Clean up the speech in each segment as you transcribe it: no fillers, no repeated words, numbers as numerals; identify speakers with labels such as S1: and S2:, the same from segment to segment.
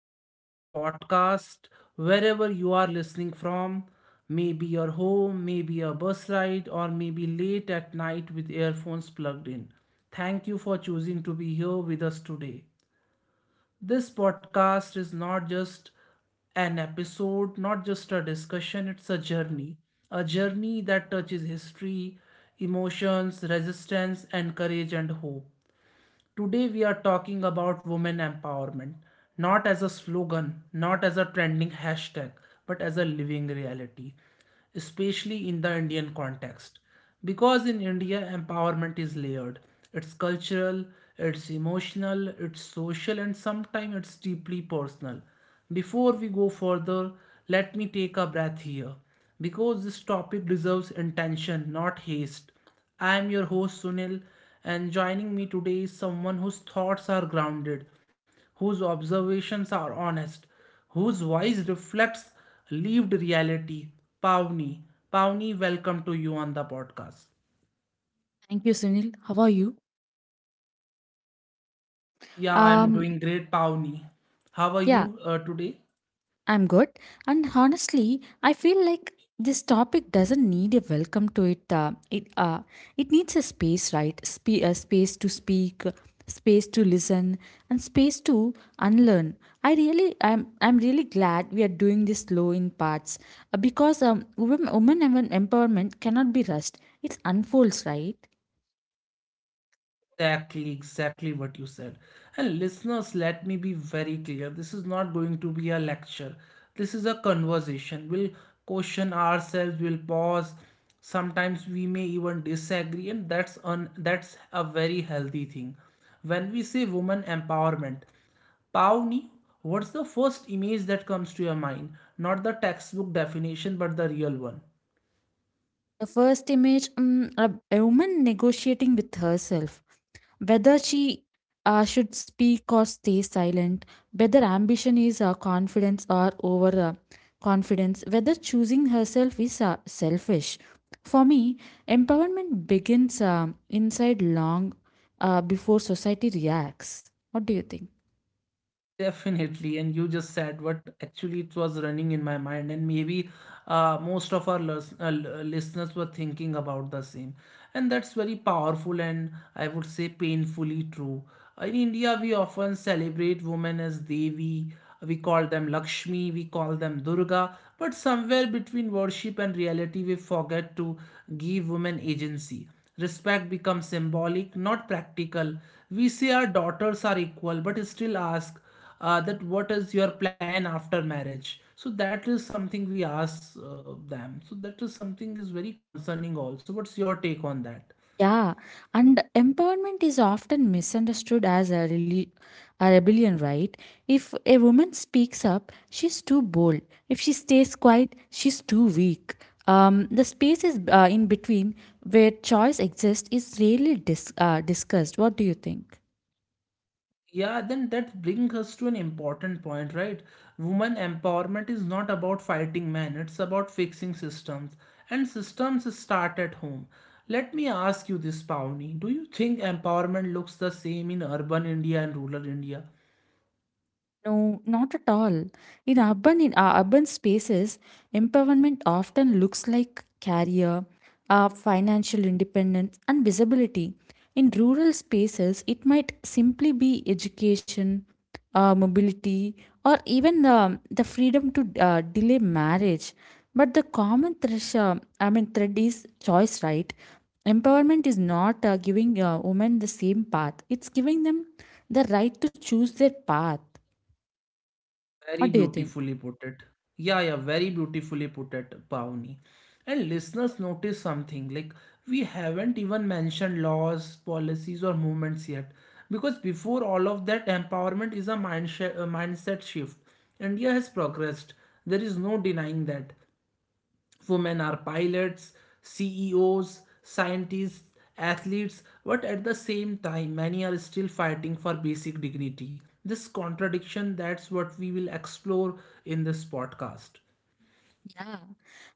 S1: Welcome to the podcast, wherever you are listening from. Maybe your home, maybe a bus ride, or maybe late at night with earphones plugged in. Thank you for choosing to be here with us today. This podcast is not just an episode, not just a discussion, it's a journey. A journey that touches history, emotions, resistance, and courage and hope. Today we are talking about women empowerment, not as a slogan, not as a trending hashtag, but as a living reality, especially in the Indian context. Because in India, empowerment is layered. It's cultural, it's emotional, it's social, and sometimes it's deeply personal. Before we go further, let me take a breath here because this topic deserves intention, not haste. I am your host Sunil, and joining me today is someone whose thoughts are grounded, whose observations are honest, whose voice reflects lived reality. Pavni. Pavni, welcome to you on the podcast.
S2: Thank you, Sunil. How are you?
S1: Yeah, I'm
S2: Um,
S1: doing great, Pavni. How are
S2: yeah,
S1: you today?
S2: I'm good. And honestly, I feel like this topic doesn't need a welcome to it. It it needs a space, right? A space to speak, space to listen, and space to unlearn. I'm really glad we are doing this slow in parts because women empowerment cannot be rushed. It unfolds, right?
S1: Exactly, exactly what you said. And listeners, let me be very clear. This is not going to be a lecture. This is a conversation. We'll question ourselves, we'll pause. Sometimes we may even disagree, and that's a very healthy thing. When we say woman empowerment, Pawnee, what's the first image that comes to your mind? Not the textbook definition, but the real one.
S2: The first image, mm, a woman negotiating with herself, whether she should speak or stay silent, whether ambition is confidence or over confidence, whether choosing herself is selfish. For me, empowerment begins inside long before society reacts. What do you think?
S1: Definitely, and you just said what actually it was running in my mind, and maybe most of our listeners were thinking about the same, and that's very powerful and I would say painfully true. In India, we often celebrate women as Devi, we call them Lakshmi, we call them Durga, but somewhere between worship and reality, we forget to give women agency. Respect becomes symbolic, not practical. We say our daughters are equal, but still ask that what is your plan after marriage, so that is something we ask them, so that is something is very concerning also. What's your take on that?
S2: Yeah, and empowerment is often misunderstood as a rebellion, right? If a woman speaks up, she's too bold. If she stays quiet, she's too weak. The space is in between where choice exists is rarely discussed. What do you think?
S1: Yeah, then that brings us to an important point, right? Woman empowerment is not about fighting men, it's about fixing systems, and systems start at home. Let me ask you this, Pawni. Do you think empowerment looks the same in urban India and rural India?
S2: No, not at all. In urban spaces, empowerment often looks like career, financial independence, and visibility. In rural spaces, it might simply be education, mobility, or even the freedom to delay marriage. But the common thread is choice, right? Empowerment is not giving women the same path; it's giving them the right to choose their path. What
S1: Very
S2: do you think?
S1: beautifully put it. Yeah, yeah, very beautifully put it, Pawni. And listeners, notice something like we haven't even mentioned laws, policies, or movements yet. Because before all of that, empowerment is a mindset shift. India has progressed. There is no denying that. Women are pilots, CEOs, scientists, athletes, but at the same time, many are still fighting for basic dignity. This contradiction, that's what we will explore in this podcast.
S2: Yeah,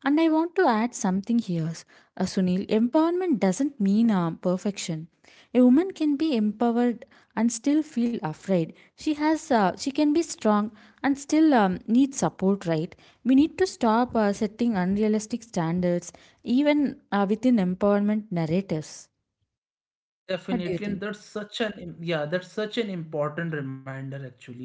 S2: and I want to add something here, Sunil. Empowerment doesn't mean perfection. A woman can be empowered and still feel afraid. She can be strong and still need support. Right? We need to stop setting unrealistic standards, even within empowerment narratives. What do you
S1: Definitely, and
S2: think?
S1: that's such an yeah, that's such an important reminder actually.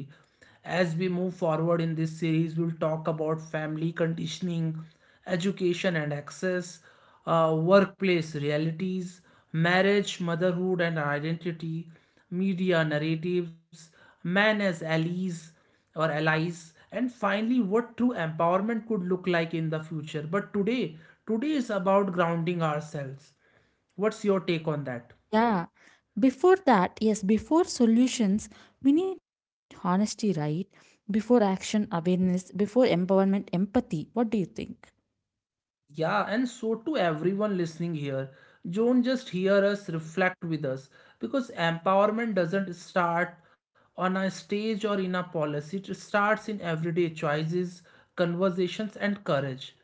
S1: As we move forward in this series, we'll talk about family conditioning, education and access, workplace realities, marriage, motherhood and identity, media narratives, men as allies or allies, and finally, what true empowerment could look like in the future. But today, today is about grounding ourselves. What's your take on that?
S2: Yeah. Before that, yes, before solutions, we need honesty, right? Before action, awareness, before empowerment, empathy. What do you think?
S1: Yeah, and so to everyone listening here, don't just hear us, reflect with us because empowerment doesn't start on a stage or in a policy, it starts in everyday choices, conversations, and courage.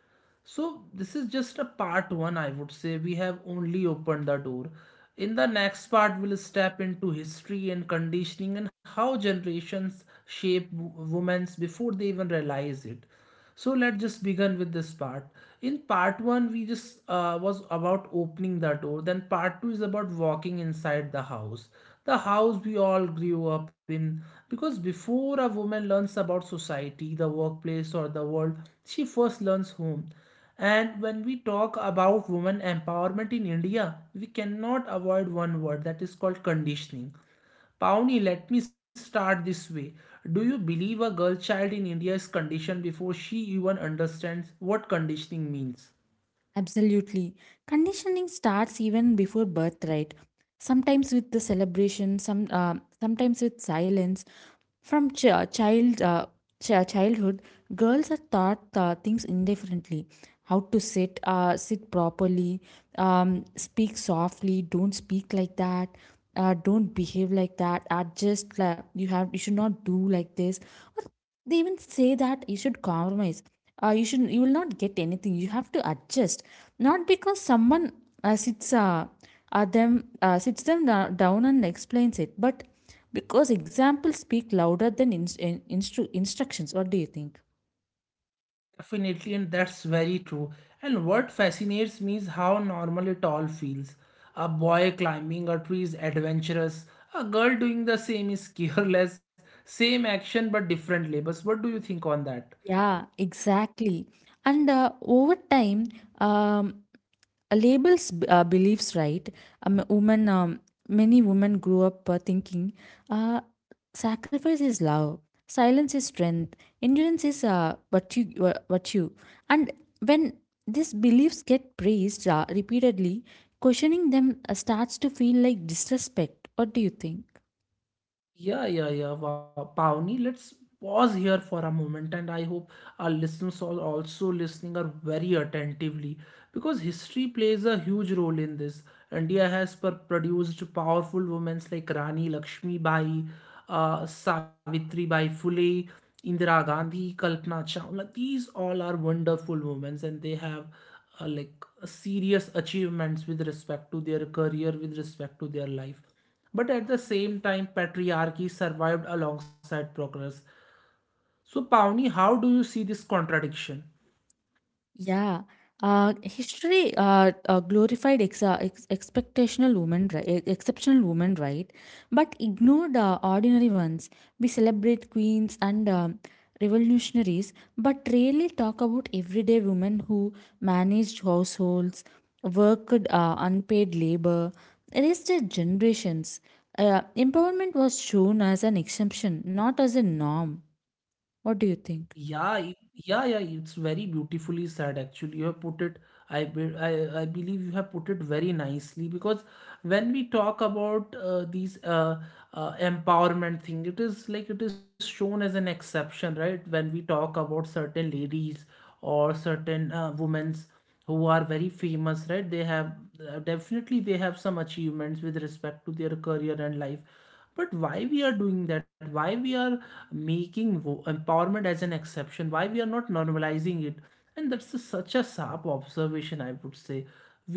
S1: So, this is just a part one, I would say. We have only opened the door. In the next part, we'll step into history and conditioning and how generations shape women's before they even realize it. So let's just begin with this part. In part one, we just was about opening the door. Then part two is about walking inside the house, the house we all grew up in. Because before a woman learns about society, the workplace, or the world, she first learns home. And when we talk about women empowerment in India, we cannot avoid one word, that is called conditioning. Pawnee, let me start this way. Do you believe a girl child in India is conditioned before she even understands what conditioning means?
S2: Absolutely. Conditioning starts even before birthright. Sometimes with the celebration, sometimes with silence. From childhood, girls are taught things indifferently. How to sit, sit properly, speak softly. Don't speak like that. Don't behave like that. Adjust. Like, you have. You should not do like this. They even say that you should compromise, you should, you will not get anything, you have to adjust, not because someone uh, sits uh, sits them down and explains it, but because examples speak louder than instructions. What do you think?
S1: Definitely, and that's very true. And what fascinates me is how normal it all feels. A boy climbing a tree is adventurous. A girl doing the same is careless. Same action but different labels. What do you think on that?
S2: Yeah, exactly. And over time, um, labels beliefs, right? Um, women, um, Many women grew up thinking, uh, sacrifice is love, silence is strength, endurance is virtue. And when these beliefs get praised repeatedly, questioning them starts to feel like disrespect. What do you think?
S1: Yeah, yeah, yeah. Wow, Pawni, let's pause here for a moment, and I hope our listeners are also listening are very attentively, because history plays a huge role in this. India has produced powerful women like Rani Lakshmi Bai, Savitri Bai Phule, Indira Gandhi, Kalpana Chawla. These all are wonderful women and they have like serious achievements with respect to their career, with respect to their life. But at the same time, patriarchy survived alongside progress. So, Pawnee, how do you see this contradiction?
S2: Yeah, history glorified ex- ex- expectational women, right? e- Exceptional women, right? But ignored ordinary ones. We celebrate queens and revolutionaries, but rarely talk about everyday women who managed households, worked unpaid labor, raised their generations. Empowerment was shown as an exemption, not as a norm. What do you think?
S1: Yeah, yeah, yeah. It's very beautifully said, actually. You have put it, I believe you have put it very nicely, because when we talk about these empowerment thing, it is like it is shown as an exception, right? When we talk about certain ladies or certain women's who are very famous, right? They have definitely they have some achievements with respect to their career and life, but why we are doing that? Why we are making empowerment as an exception? Why we are not normalizing it? And such a sharp observation, I would say.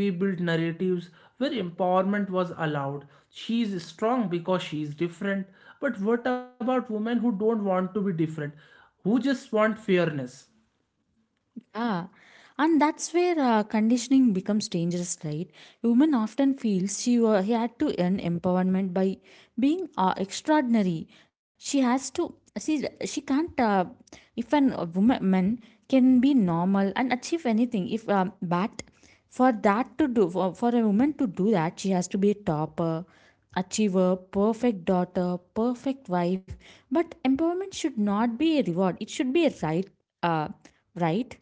S1: We built narratives where empowerment was allowed. She is strong because she is different. But what about women who don't want to be different, who just want fairness?
S2: Yeah, and that's where conditioning becomes dangerous, right? Women often feels she wa he had to earn empowerment by being extraordinary. She has to she can't if an a woman man can be normal and achieve anything. If but for that to do for a woman to do that, she has to be a topper, achiever, perfect daughter, perfect wife. But empowerment should not be a reward. It should be a right. Uh, right,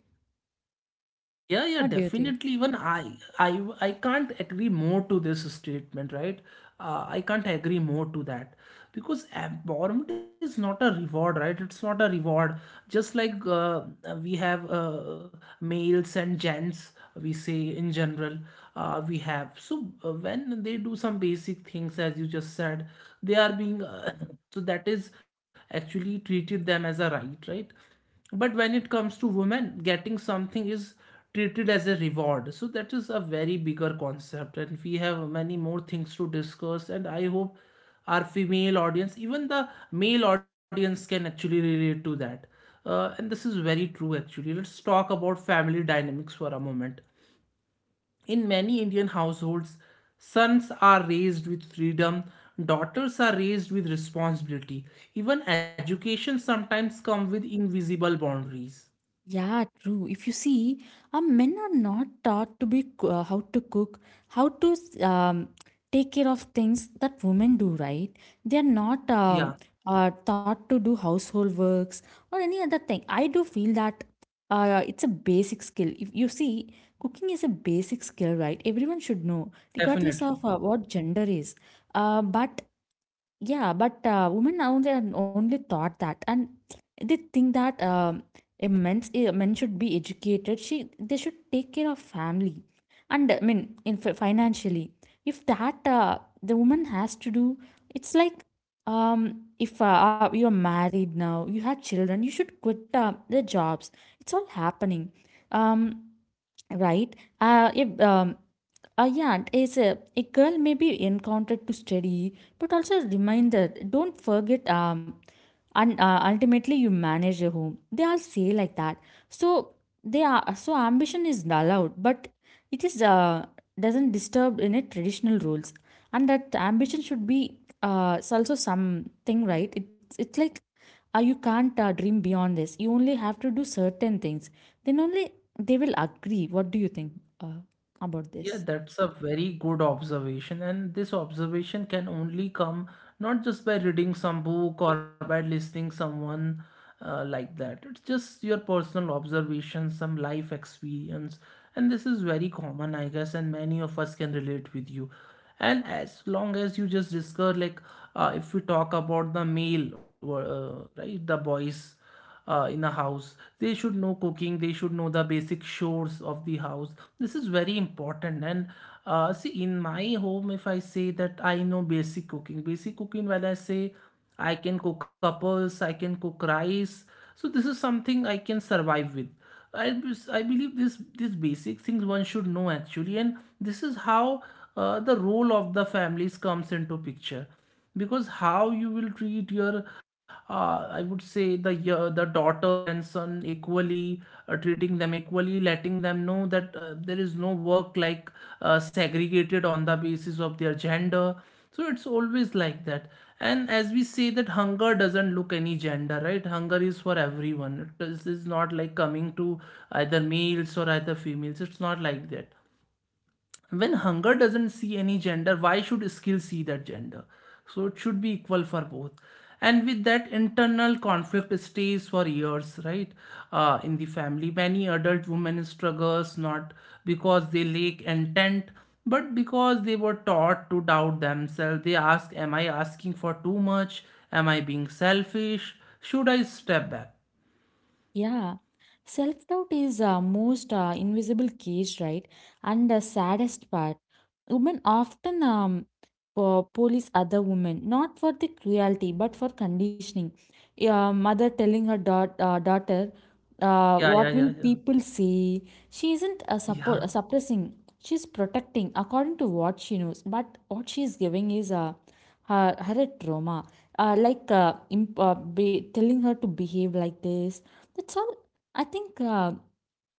S1: Yeah, yeah,
S2: what do you think?
S1: definitely. Even I can't agree more to this statement, right? I can't agree more to that, because empowerment is not a reward, right? It's not a reward. Just like we have males and gents, we say in general, we have. So when they do some basic things, as you just said, they are being so that is actually treated them as a right, right? But when it comes to women, getting something is treated as a reward. So that is a very bigger concept, and we have many more things to discuss. And I hope our female audience, even the male audience, can actually relate to that. And this is very true, actually. Let's talk about family dynamics for a moment. In many Indian households, sons are raised with freedom, daughters are raised with responsibility. Even education sometimes comes with invisible boundaries.
S2: Yeah, true. If you see, men are not taught how to cook, how to um, take care of things that women do, right? They are not
S1: Yeah,
S2: taught to do household works or any other thing. I do feel that it's a basic skill. If you see, cooking is a basic skill, right? Everyone should know, regardless
S1: definitely.
S2: of what gender is. Uh, but Yeah, but women only only thought that, and they think that a men should be educated. She They should take care of family, and I mean in financially, if that the woman has to do, it's like if you're married now, you have children, you should quit the jobs. It's all happening, um right? If, a yarn is a, A girl may be encountered to study, but also reminded, don't forget, and ultimately you manage your home. They all say like that. So they are so ambition is allowed, but it is doesn't disturb in a traditional rules, and that ambition should be it's also something right. It's like you can't dream beyond this. You only have to do certain things. Then only they will agree. What do you think uh, about
S1: Yeah,
S2: this?
S1: that's a very good observation, and this observation can only come not just by reading some book or by listening someone like that. It's just your personal observation, some life experience, and this is very common, I guess, and many of us can relate with you. And as long as you just discuss, like, if we talk about the male, right, the boys in a house, they should know cooking, they should know the basic chores of the house. This is very important. And see, in my home, if I say that I know basic cooking, when I say I can cook apples, I can cook rice, so this is something I can survive with. I believe this these basic things one should know actually. And this is how the role of the families comes into picture, because how you will treat your I would say the daughter and son equally, treating them equally, letting them know that there is no work like segregated on the basis of their gender. So it's always like that. And as we say that hunger doesn't look any gender, right? Hunger is for everyone. Is not like coming to either males or either females, it's not like that. When hunger doesn't see any gender, why should skill see that gender? So it should be equal for both. And with that, internal conflict stays for years, right? In the family, many adult women struggles, not because they lack intent, but because they were taught to doubt themselves. They ask, am I asking for too much? Am I being selfish? Should I step back?
S2: Yeah, self doubt is most invisible cage, right? And the saddest part. Women often police other women, not for the cruelty, but for conditioning. Yeah, mother telling her daughter,
S1: yeah yeah
S2: what will
S1: yeah yeah
S2: people say? She isn't
S1: yeah
S2: suppressing, she's protecting according to what she knows. But what she's giving is her a trauma. Like telling her to behave like this. That's all. I think uh,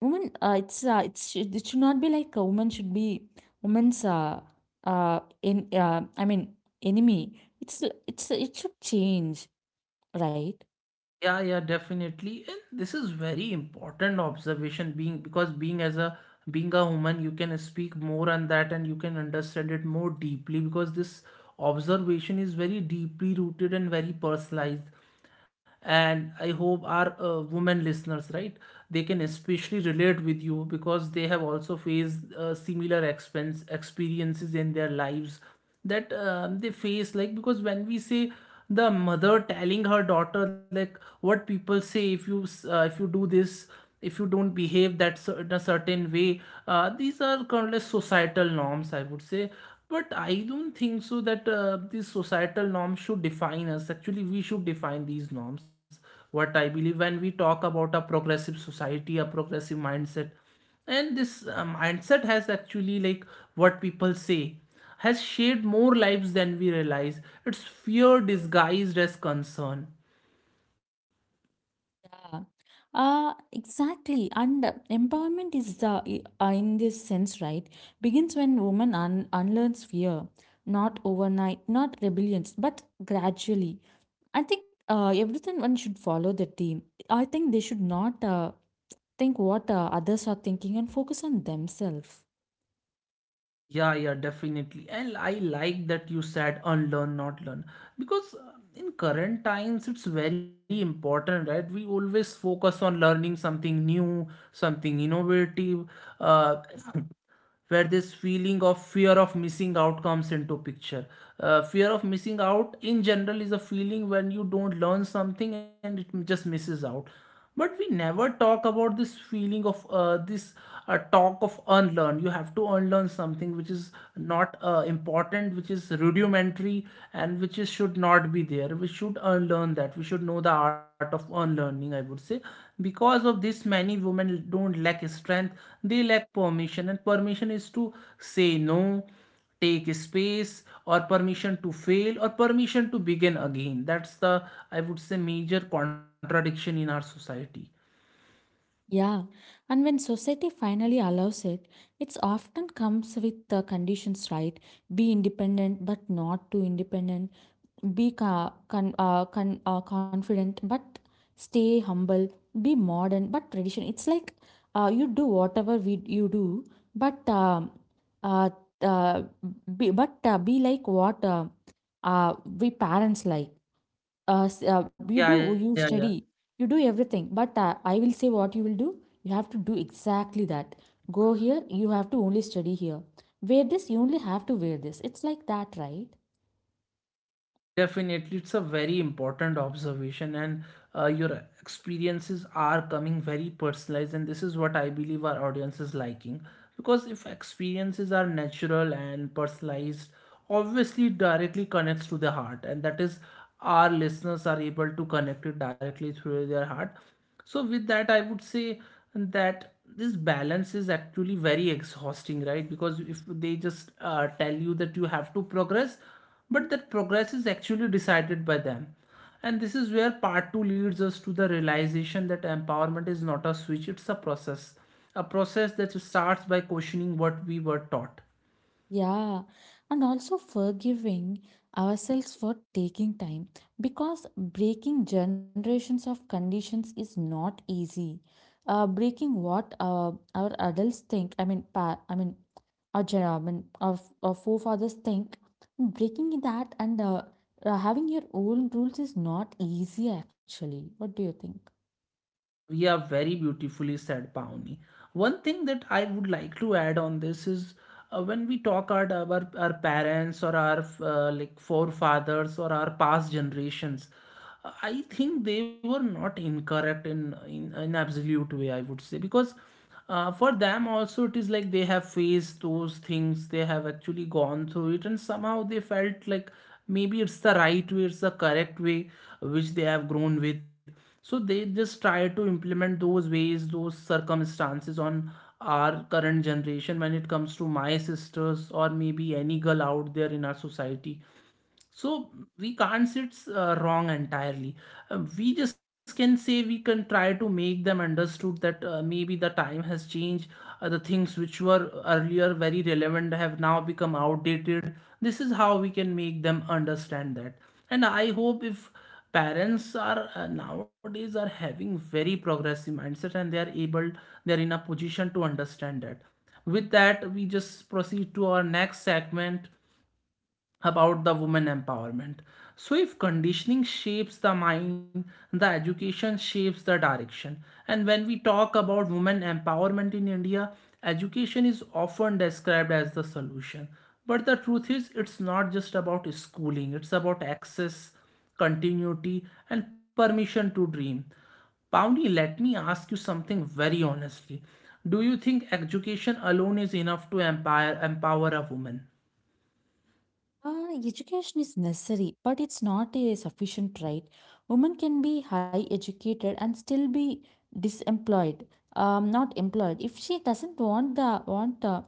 S2: women, uh, it's, uh, it's, it should not be like a woman should be women's in I mean enemy. It's it should change, right?
S1: Yeah, yeah, definitely. And this is very important observation, being because being as a being a woman, you can speak more on that and you can understand it more deeply, because this observation is very deeply rooted and very personalized. And I hope our women listeners, right, they can especially relate with you because they have also faced similar expense experiences in their lives that they face like because when we say the mother telling her daughter like what people say if you do this, if you don't behave in a certain way. These are countless societal norms, I would say. But I don't think so that these societal norms should define us. Actually, we should define these norms. What I believe, when we talk about a progressive society, a progressive mindset, and this mindset has actually, like, what people say, has shaped more lives than we realize. It's fear disguised as concern.
S2: Uh, exactly. And empowerment is the in this sense, right? Begins when woman unlearns fear, not overnight, not rebellions, but gradually. I think everything one should follow the team. I think they should not think what others are thinking and focus on themselves.
S1: Yeah, yeah, definitely. And I like that you said unlearn, not learn, because in current times it's very important, right? We always focus on learning something new, something innovative. uh, where this feeling of fear of missing out comes into picture. Fear of missing out in general is a feeling when you don't learn something and it just misses out. But we never talk about this feeling of this talk of unlearn. You have to unlearn something which is not important, which is rudimentary, and which is should not be there. We should unlearn that. We should know the art of unlearning, I would say. Because of this, many women don't lack strength, they lack permission. And permission is to say no, take space, or permission to fail, or permission to begin again. That's the, I would say, major contradiction in our society.
S2: Yeah, and when society finally allows it, it's often comes with the conditions, right? Be independent, but not too independent. Be confident, but stay humble. Be modern, but tradition. It's like you do whatever we you do, but uh, uh, be like what we parents like you do,
S1: Yeah, yeah,
S2: you
S1: yeah.
S2: study, you do everything, but I will say what you will do, you have to do exactly that. Go here, you have to only study here. Wear this, you only have to wear this. It's like that, right?
S1: Definitely, it's a very important observation, and your experiences are coming very personalized, and this is what I believe our audience is liking. Because if experiences are natural and personalized, obviously it directly connects to the heart, and that is our listeners are able to connect it directly through their heart. So with that, I would say that this balance is actually very exhausting, right? Because if they just tell you that you have to progress, but that progress is actually decided by them. And this is where part two leads us to the realization that empowerment is not a switch, it's a process. A process that starts by questioning what we were taught.
S2: Yeah, and also forgiving ourselves for taking time, because breaking generations of conditions is not easy. Breaking what our adults think I mean pa- I mean our, gera- I mean, our, f- our forefathers think, breaking that and having your own rules is not easy actually. What do you think?
S1: Yeah, very beautifully said, Pauni. One thing that I would like to add on this is, when we talk about our parents or our like forefathers or our past generations, I think they were not incorrect in an absolute way. I would say because for them also it is like they have faced those things. They have actually gone through it, and somehow they felt like maybe it's the right way, it's the correct way which they have grown with. So they just try to implement those ways, those circumstances on our current generation when it comes to my sisters or maybe any girl out there in our society. So we can't say it's wrong entirely. We just can say we can try to make them understood that maybe the time has changed. The things which were earlier very relevant have now become outdated. This is how we can make them understand that. And I hope if parents are nowadays are having very progressive mindset and they are able, they are in a position to understand that. With that, we just proceed to our next segment about the woman empowerment. So, if conditioning shapes the mind, the education shapes the direction. And when we talk about women empowerment in India, education is often described as the solution. But the truth is, it's not just about schooling, it's about access, continuity, and permission to dream. Pawnee, let me ask you something very honestly. Do you think education alone is enough to empower, empower a woman?
S2: Education is necessary, but it's not a sufficient right. Women can be high educated and still be disemployed, not employed. If she doesn't want the want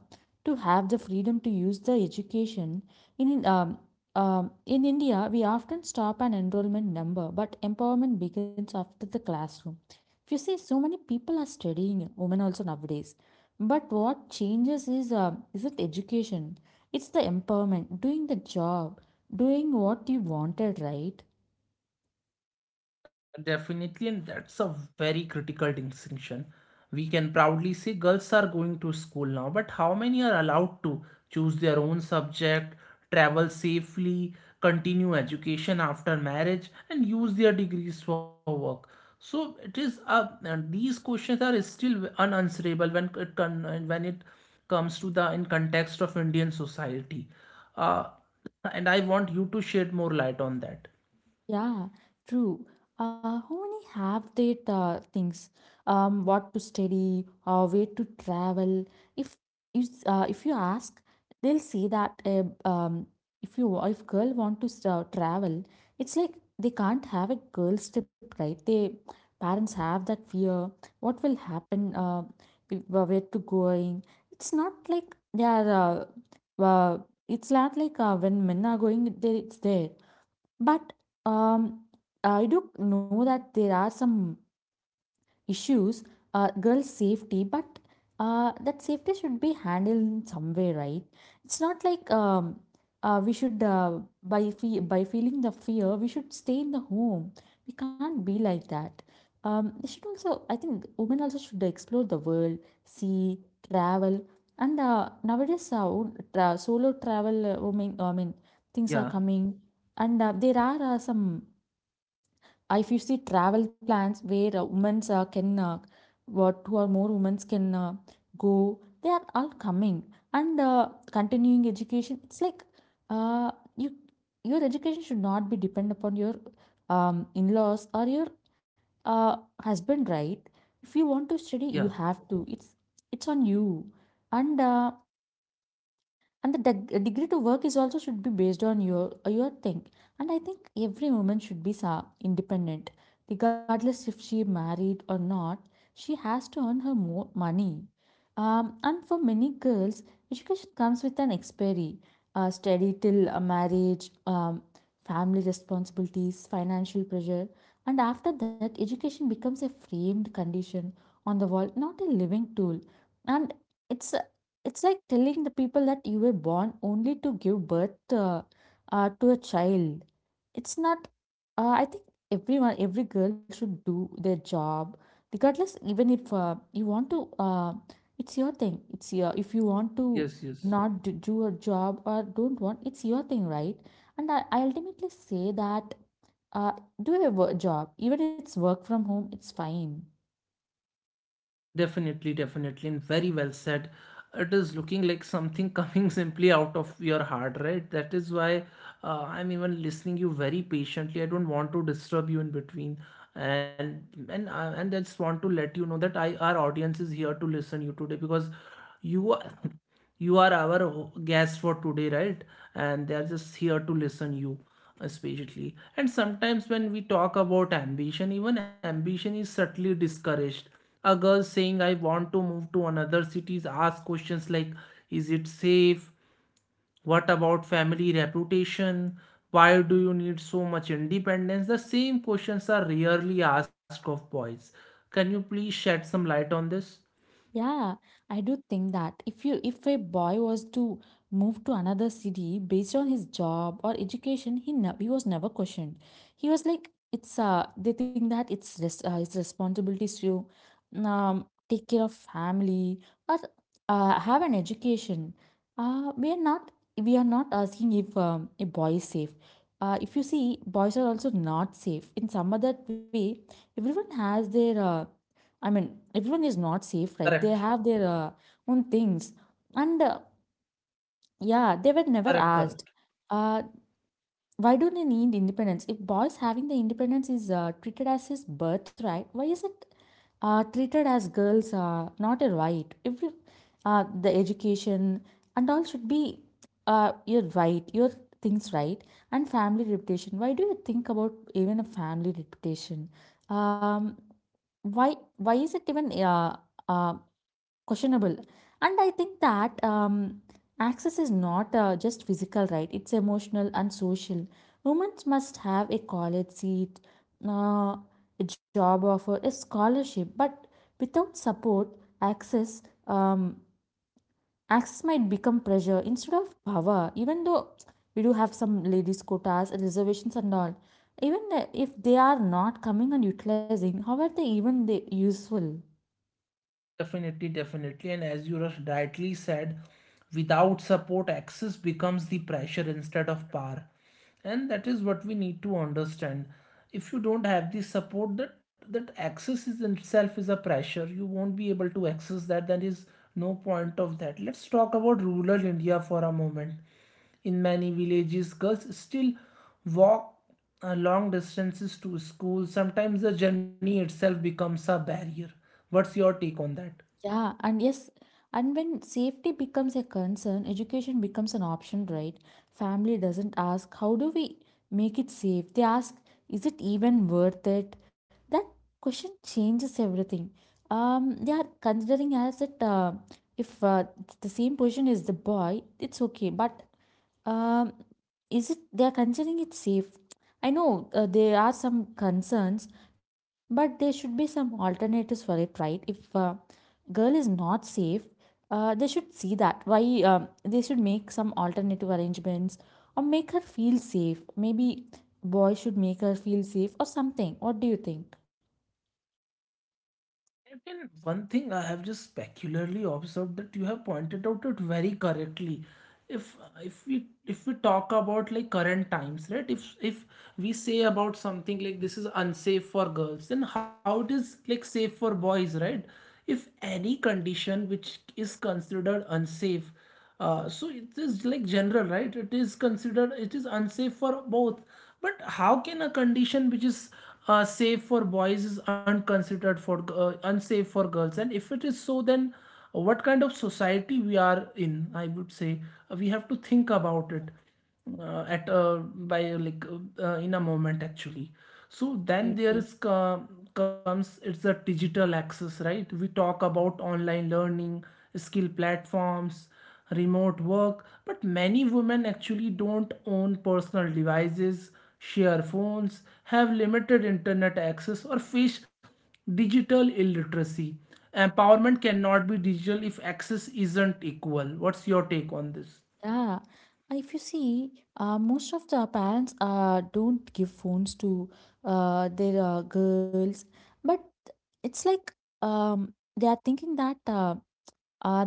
S2: to have the freedom to use the education in um, in India, we often stop an enrollment number, but empowerment begins after the classroom. If you see, so many people are studying, women also, nowadays, but what changes is it education? It's the empowerment doing the job, doing what you wanted, right?
S1: Definitely, and that's a very critical distinction. We can proudly say girls are going to school now, but how many are allowed to choose their own subject, travel safely, continue education after marriage, and use their degrees for work? So it is and these questions are still unanswerable when it comes to the in context of Indian society. Uh, and I want you to shed more light on that.
S2: Yeah, true. How many have that things? What to study or where to travel? If if you ask, they'll say that if you wa- if girl want to travel, it's like they can't have a girls trip, right? They parents have that fear. What will happen? If, Where to going? It's not like they are. Uh, uh, it's not like when men are going there, it's there, but um, I do know that there are some issues, girls safety. But that safety should be handled in some way, right? It's not like we should by feeling the fear we should stay in the home. We can't be like that. They should also, I think women also should explore the world, see, travel. And nowadays solo travel, women, I mean, things are
S1: Yeah,
S2: coming. And there are some if you see travel plans where women can, what, two or more women can, go, they are all coming. And continuing education, it's like, uh, you, your education should not be dependent upon your in-laws or your uh, husband, right? If you want to study,
S1: yeah.
S2: you have to. It's on you. And and the degree to work is also should be based on your thing. And I think every woman should be independent, regardless if she married or not. She has to earn her more money. And for many girls, education comes with an expiry. Study till a marriage. um, Family responsibilities, financial pressure. And after that, education becomes a framed condition on the wall, not a living tool. And it's it's like telling the people that you were born only to give birth, to a child. It's not. I think everyone, every girl, should do their job, regardless. Even if you want to, it's your thing. It's your, if you want to
S1: Yes, yes.
S2: not d- do a job or don't want, it's your thing, right? And I ultimately say that uh, do a job, even it's work from home, it's fine.
S1: Definitely, definitely, and very well said. It is looking like something coming simply out of your heart, right? That is why I'm even listening you very patiently. I don't want to disturb you in between, and and I just want to let you know that I our audience is here to listen you today because you are you are our guest for today, right? And they are just here to listen you especially. And sometimes when we talk about ambition, even ambition is subtly discouraged. A girl saying I want to move to another city asks questions like, is it safe? What about family reputation? Why do you need so much independence? The same questions are rarely asked of boys. Can you please shed some light on this?
S2: Yeah, I do think that if you if a boy was to move to another city based on his job or education, he ne he was never questioned. He was like it's they think that it's res his responsibilities to um take care of family or have an education. We are not, we are not asking if a boy is safe. If you see, boys are also not safe in some other way. Everyone has their I mean, everyone is not safe, right?
S1: Correct,
S2: They have their own things. And yeah, they were never
S1: correct, correct.
S2: asked, uh, why do they need independence? If boys having the independence is treated as his birthright, why is it treated as girls not a right? Every, the education and all should be your right, your things, right? And family reputation. Why do you think about even a family reputation? Um, why is it even uh, questionable? And I think that access is not just physical, right? It's emotional and social. Women must have a college seat, uh, a job offer, a scholarship, but without support, access, um, access might become pressure instead of power. Even though we do have some ladies quotas and reservations and all, even if they are not coming and utilizing, how are they even they useful?
S1: Definitely, definitely. And as you rightly said, without support, access becomes the pressure instead of power. And that is what we need to understand. If you don't have the support, that access is in itself is a pressure, you won't be able to access that. There is no point of that. Let's talk about rural India for a moment. In many villages, girls still walk long distances to school. Sometimes the journey itself becomes a barrier. What's your take on that?
S2: Yeah, and yes, and when safety becomes a concern, education becomes an option, right? Family doesn't ask, how do we make it safe? They ask, is it even worth it? That question changes everything. They are considering as it, if the same position is the boy, it's okay. But um, is it they are considering it safe? I know there are some concerns, but there should be some alternatives for it, right? If girl is not safe, they should see that why. They should make some alternative arrangements or make her feel safe. Maybe boy should make her feel safe or something. What do you think?
S1: And one thing I have just specularly observed that you have pointed out it very correctly. If if we talk about like current times, right? If we say about something like this is unsafe for girls, then how it is like safe for boys, right? If any condition which is considered unsafe, so it is like general, right? It is considered it is unsafe for both. But how can a condition which is safe for boys is unconsidered for unsafe for girls? And if it is so, then what kind of society we are in, I would say. We have to think about it at by like in a moment actually. So then there
S2: Absolutely.
S1: is comes, it's a digital access, right? We talk about online learning, skill platforms, remote work, but many women actually don't own personal devices, share phones, have limited internet access, or face digital illiteracy. Empowerment cannot be digital if access isn't equal. What's your take on this?
S2: Yeah. If you see, most of the parents don't give phones to their girls, but it's like, um, they are thinking that uh,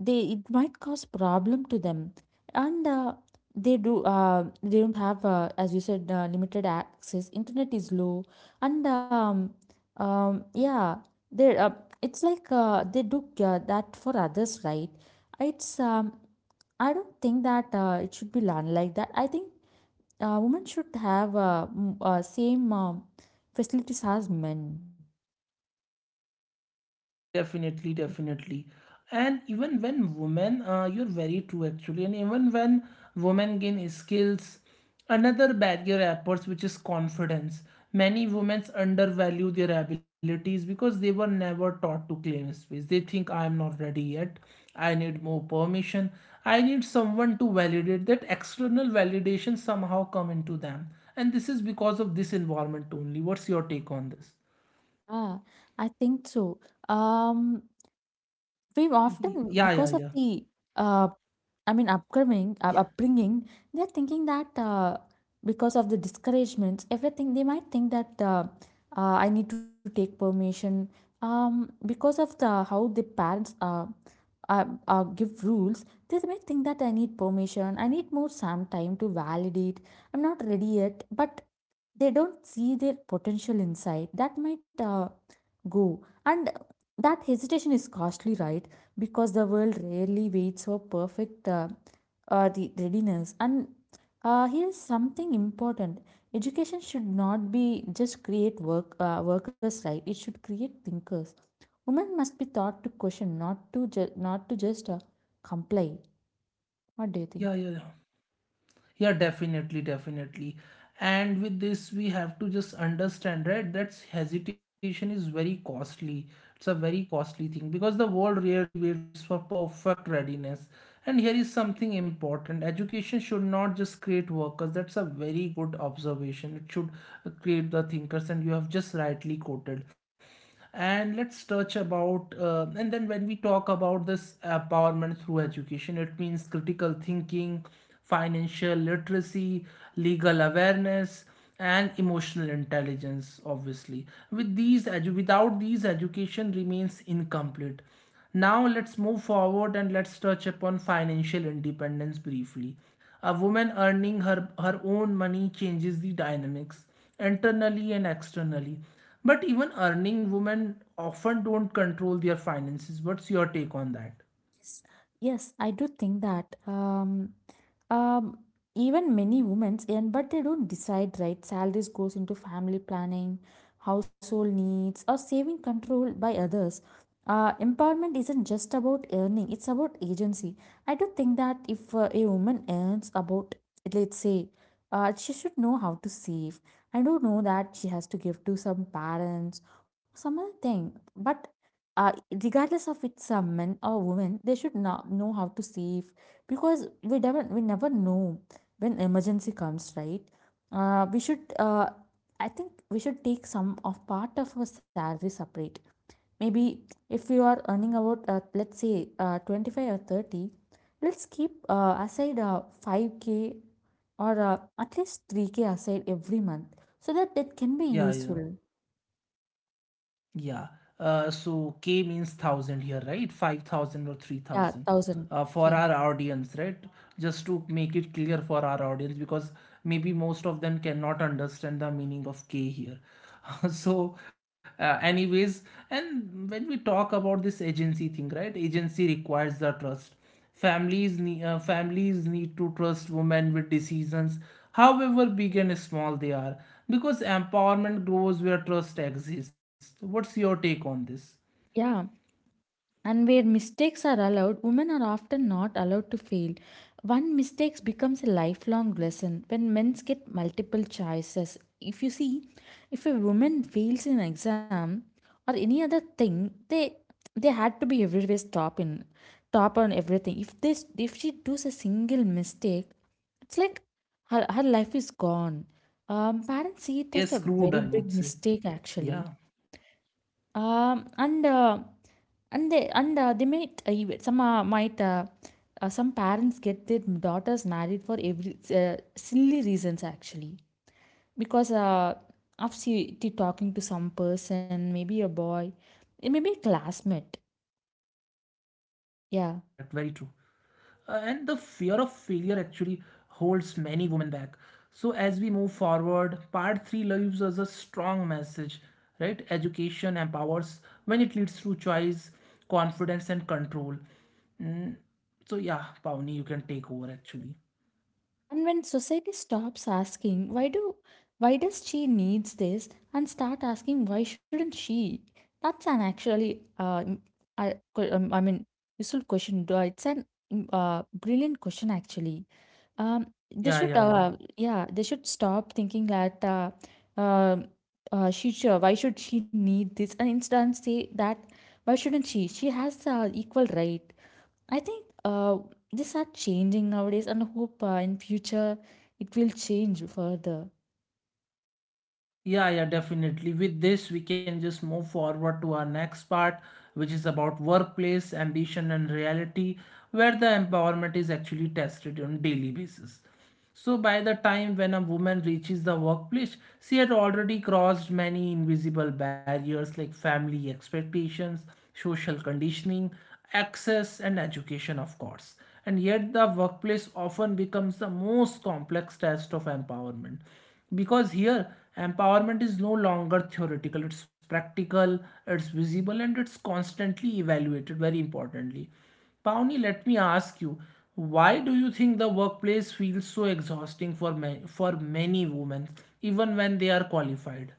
S2: they, it might cause problem to them. And they do they don't have as you said, limited access. Internet is low. And yeah, they it's like they do that for others, right? It's I don't think that it should be learned like that. I think women should have same facilities as men.
S1: Definitely, definitely. And even when women, you're very true actually, and even when women gain skills, another barrier appears, which is confidence. Many women undervalue their abilities because they were never taught to claim space. They think I am not ready yet. I need more permission. I need someone to validate that external validation somehow come into them. And this is because of this environment only. What's your take on this?
S2: Ah, I think so. Um, we
S1: Yeah,
S2: often
S1: yeah,
S2: because
S1: yeah.
S2: of the uh, I mean, upcoming upbringing, they're thinking that because of the discouragements, everything, they might think that I need to take permission. Because of the how the parents give rules, they might think that I need permission. I need more some time to validate. I'm not ready yet, but they don't see their potential inside. That might go. And that hesitation is costly, right? Because the world rarely waits for perfect the readiness. And here is something important. Education should not be just create workers, right? It should create thinkers. Women must be taught to question, not to not to just comply. What do you
S1: Yeah,
S2: think?
S1: yeah, yeah. Yeah, definitely, definitely. And with this, we have to just understand, right? That hesitation is very costly. It's a very costly thing because the world rarely waits for perfect readiness. And here is something important. Education should not just create workers. That's a very good observation. It should create the thinkers, and you have just rightly quoted. And let's touch about and then when we talk about this empowerment through education, it means critical thinking, financial literacy, legal awareness, and emotional intelligence, obviously. With these without these, education remains incomplete. Now let's move forward and let's touch upon financial independence briefly. A woman earning her own money changes the dynamics internally and externally. But even earning women often don't control their finances. What's your take on that?
S2: Yes, yes, I do think that. Um Even many women earn, but they don't decide, right? Salaries goes into family planning, household needs, or saving control by others. Empowerment isn't just about earning, it's about agency. I do think that if a woman earns about, let's say, she should know how to save. I don't know that she has to give to some parents or some other thing, but uh, regardless of it's a man or woman, they should not know how to save, because we never know when emergency comes, right? We should I think we should take some of part of our salary separate. Maybe if you are earning about, let's say, 25 or 30, let's keep aside 5K, or at least 3K aside every month, so that that can be
S1: Yeah,
S2: useful.
S1: yeah. Yeah. So K means thousand here, right? 5,000 or three
S2: Yeah,
S1: thousand. For
S2: 1000K.
S1: our audience, right? Just to make it clear for our audience, because maybe most of them cannot understand the meaning of K here. So, anyways, and when we talk about this agency thing, right? Agency requires the trust. Families need to trust women with decisions, however big and small they are, because empowerment grows where trust exists. What's your take on this?
S2: Yeah. And where mistakes are allowed, women are often not allowed to fail. One mistake becomes a lifelong lesson when men get multiple choices. If you see, if a woman fails in exam or any other thing, they had to be everywhere, top in, top on everything. If this, if she does a single mistake, it's like her life is gone. Parents see it as
S1: Yes,
S2: a
S1: screwed,
S2: very
S1: I
S2: big
S1: would say.
S2: mistake actually.
S1: Yeah,
S2: And and they, and they might some might some parents get their daughters married for every silly reasons actually, because
S1: yeah,
S2: after
S1: yeah, yeah.
S2: talking to some
S1: Correct, correct.
S2: person, maybe a boy, it may be a
S1: Correct, correct, very
S2: classmate.
S1: true. And the fear of
S2: Yeah.
S1: failure actually holds many women back. So, as we move forward, part 3 leaves us a strong message, right? Education empowers when it leads through choice, confidence, and control. So, yeah, Pawnee, you can take over actually.
S2: And when society stops asking, why do, why does she needs this, and start asking, why shouldn't she? That's an actually I, I mean, useful question though. It's an brilliant question actually. Um, they
S1: Yeah,
S2: should
S1: yeah, yeah.
S2: yeah, they should stop thinking that um she should, why should she need this, and instead say that, why shouldn't she? She has equal right. I think these are changing nowadays, and hope in future it will change further.
S1: Yeah, yeah, definitely. With this, we can just move forward to our next part, which is about workplace, ambition, and reality, where the empowerment is actually tested on daily basis. So by the time when a woman reaches the workplace, she had already crossed many invisible barriers like family expectations, social conditioning, access, and education, of course. And yet the workplace often becomes the most complex test of empowerment because here empowerment is no longer theoretical, it's practical, it's visible, and it's constantly evaluated very importantly. Pawnee, let me ask you, why do you think the workplace feels so exhausting for for many women, even when they are qualified?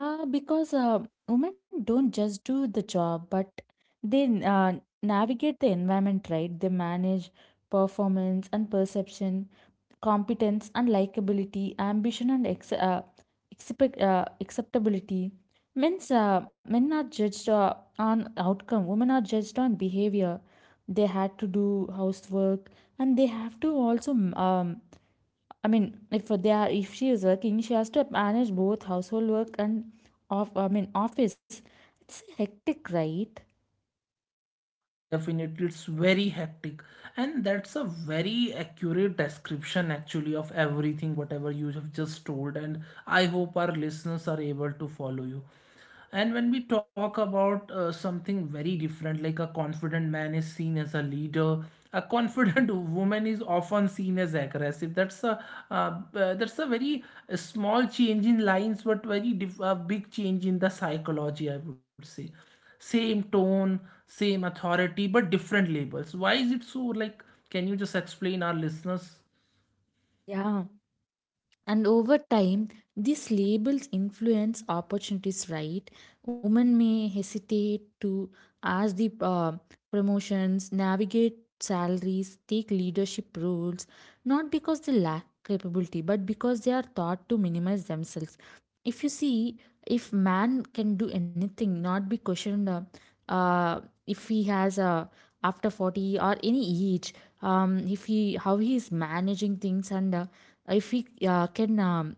S2: Because women don't just do the job, but they navigate the environment, right? They manage performance and perception, competence and likability, ambition and acceptability. Men are judged on outcome, women are judged on behavior. They had to do housework, and they have to also, I mean, if they are, if she is working, she has to manage both household work and I mean, office. It's hectic, right?
S1: Definitely, it's very hectic, and that's a very accurate description actually of everything whatever you have just told. And I hope our listeners are able to follow you. And when we talk about something very different, like a confident man is seen as a leader, a confident woman is often seen as aggressive. That's a very small change in lines, but very big change in the psychology, I would say. Same tone, same authority, but different labels. Why is it so? Like, can you just explain our listeners?
S2: Yeah. And over time, these labels influence opportunities, right? Women may hesitate to ask the promotions, navigate salaries, take leadership roles, not because they lack capability, but because they are taught to minimize themselves. If you see, if man can do anything, not be questioned, uh, if he has after 40 or any age, if he how he is managing things. And if we can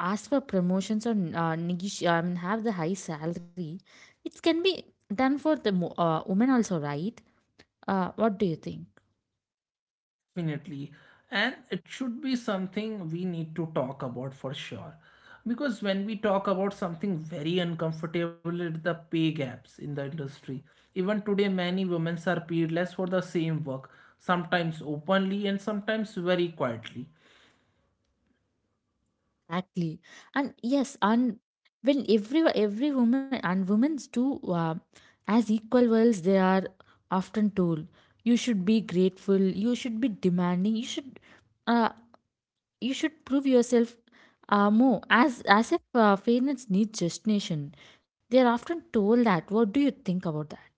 S2: ask for promotions or I mean, have the high salary, it can be done for the women also, right? What do you think?
S1: Definitely, and it should be something we need to talk about for sure, because when we talk about something very uncomfortable, it's the pay gaps in the industry. Even today, many women are paid less for the same work, sometimes openly and sometimes very quietly.
S2: Exactly, and yes, and when every woman and women's too, as equal worlds, they are often told, you should be grateful, you should be demanding, you should. Uh, you should prove yourself more, as if fairness needs justification. They are often told that. What do you think about that?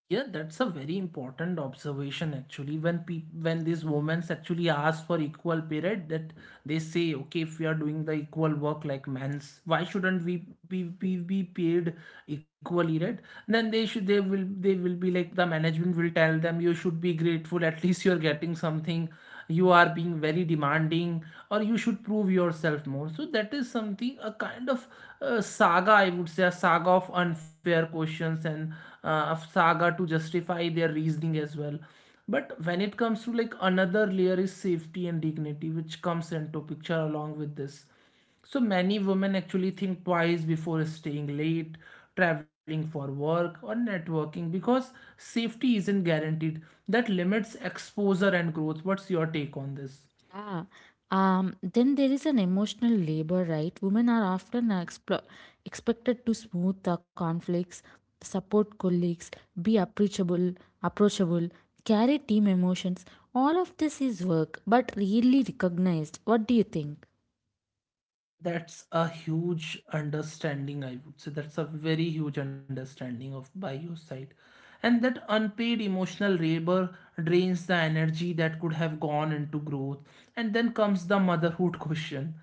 S1: Yeah, that's a very important observation actually. When peop when these women actually ask for equal pay period, that they say, okay, if we are doing the equal work like men's, why shouldn't we be paid equally, right? Then they should they will be like, the management will tell them, you should be grateful. At least you're getting something, you are being very demanding, or you should prove yourself more. So that is something, a kind of saga, I would say, a saga of unfair questions, and a saga to justify their reasoning as well. But when it comes to, like, another layer is safety and dignity, which comes into picture along with this. So many women actually think twice before staying late, traveling for work, or networking because safety isn't guaranteed. That limits exposure and growth. What's your take on this?
S2: Yeah. Then there is an emotional labor, right? Women are often expected to smooth the conflicts, support colleagues, be approachable, carry team emotions. All of this is work, but rarely recognized. What do you think?
S1: That's a huge understanding, I would say. That's a very huge understanding of by your side. And that unpaid emotional labor drains the energy that could have gone into growth. And then comes the motherhood question.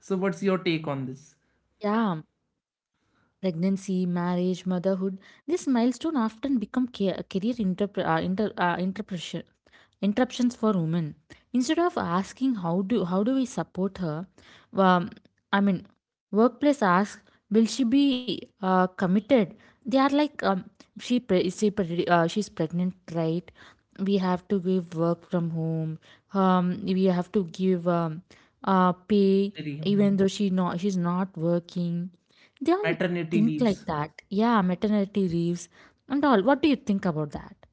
S1: So what's your take on this?
S2: Yeah. Pregnancy, marriage, motherhood, this milestone often become career interpre- inter- interpretation interruptions for women. Instead of asking, how do we support her? um, I mean, workplace asks, will she be committed? They are like, she's pregnant, right? We have to give work from home. We have to give pay,
S1: Really.
S2: even though she's not working. They all
S1: Maternity
S2: think like
S1: leaves.
S2: that. Yeah, maternity leaves and all. What do you think about that?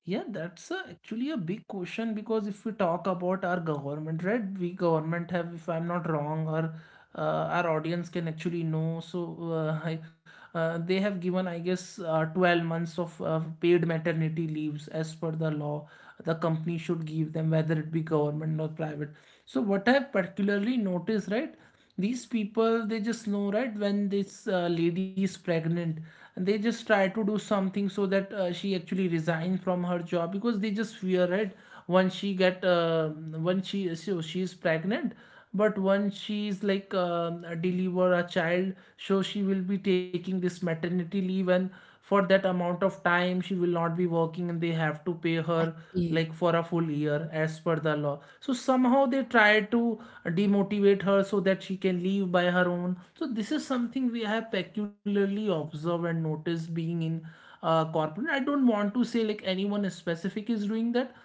S1: Yeah, that's a, actually a big question, because if we talk about our government, right, we government have, if I'm not wrong, or uh, our audience can actually know. So uh, I, they have given, I guess, 12 months of paid maternity leaves as per the law. The company should give them, whether it be government or private. So what I have particularly noticed, right, these people, they just know, right, when this lady is pregnant, they just try to do something so that she actually resign from her job, because they just fear, right? Once she get when she so she is pregnant, but once she is like deliver a child, so she will be taking this maternity leave, and for that amount of time she will not be working and they have to pay her
S2: Exactly.
S1: like for a full year as per the law. So somehow they try to demotivate her so that she can leave by her own. So this is something we have peculiarly observed and noticed being in corporate. I don't want to say like anyone specific is doing that,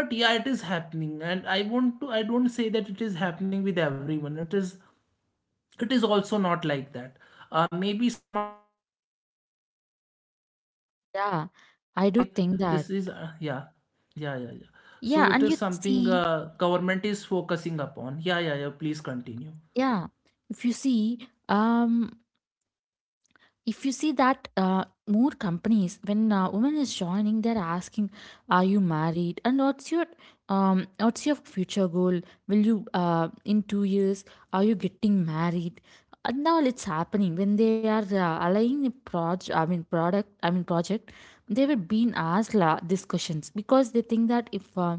S1: but yeah, it is happening. And I want to, I don't say that it is happening with everyone. It is, it is also not like that. Maybe some are doing that. And this is
S2: Yeah,
S1: something I would
S2: I do
S1: say.
S2: think that.
S1: This is Yeah. Yeah, yeah, yeah.
S2: Yeah,
S1: So it
S2: and you
S1: is something
S2: see,
S1: government is focusing upon. Yeah, yeah, yeah, please continue.
S2: yeah, if you see, um, if you see that more companies when women is joining, they're asking, are you married, and what's your future goal? Will you in 2 years, are you getting married? And now it's happening when they are aligning a project, I mean product, I mean project, they were being asked these questions because they think that if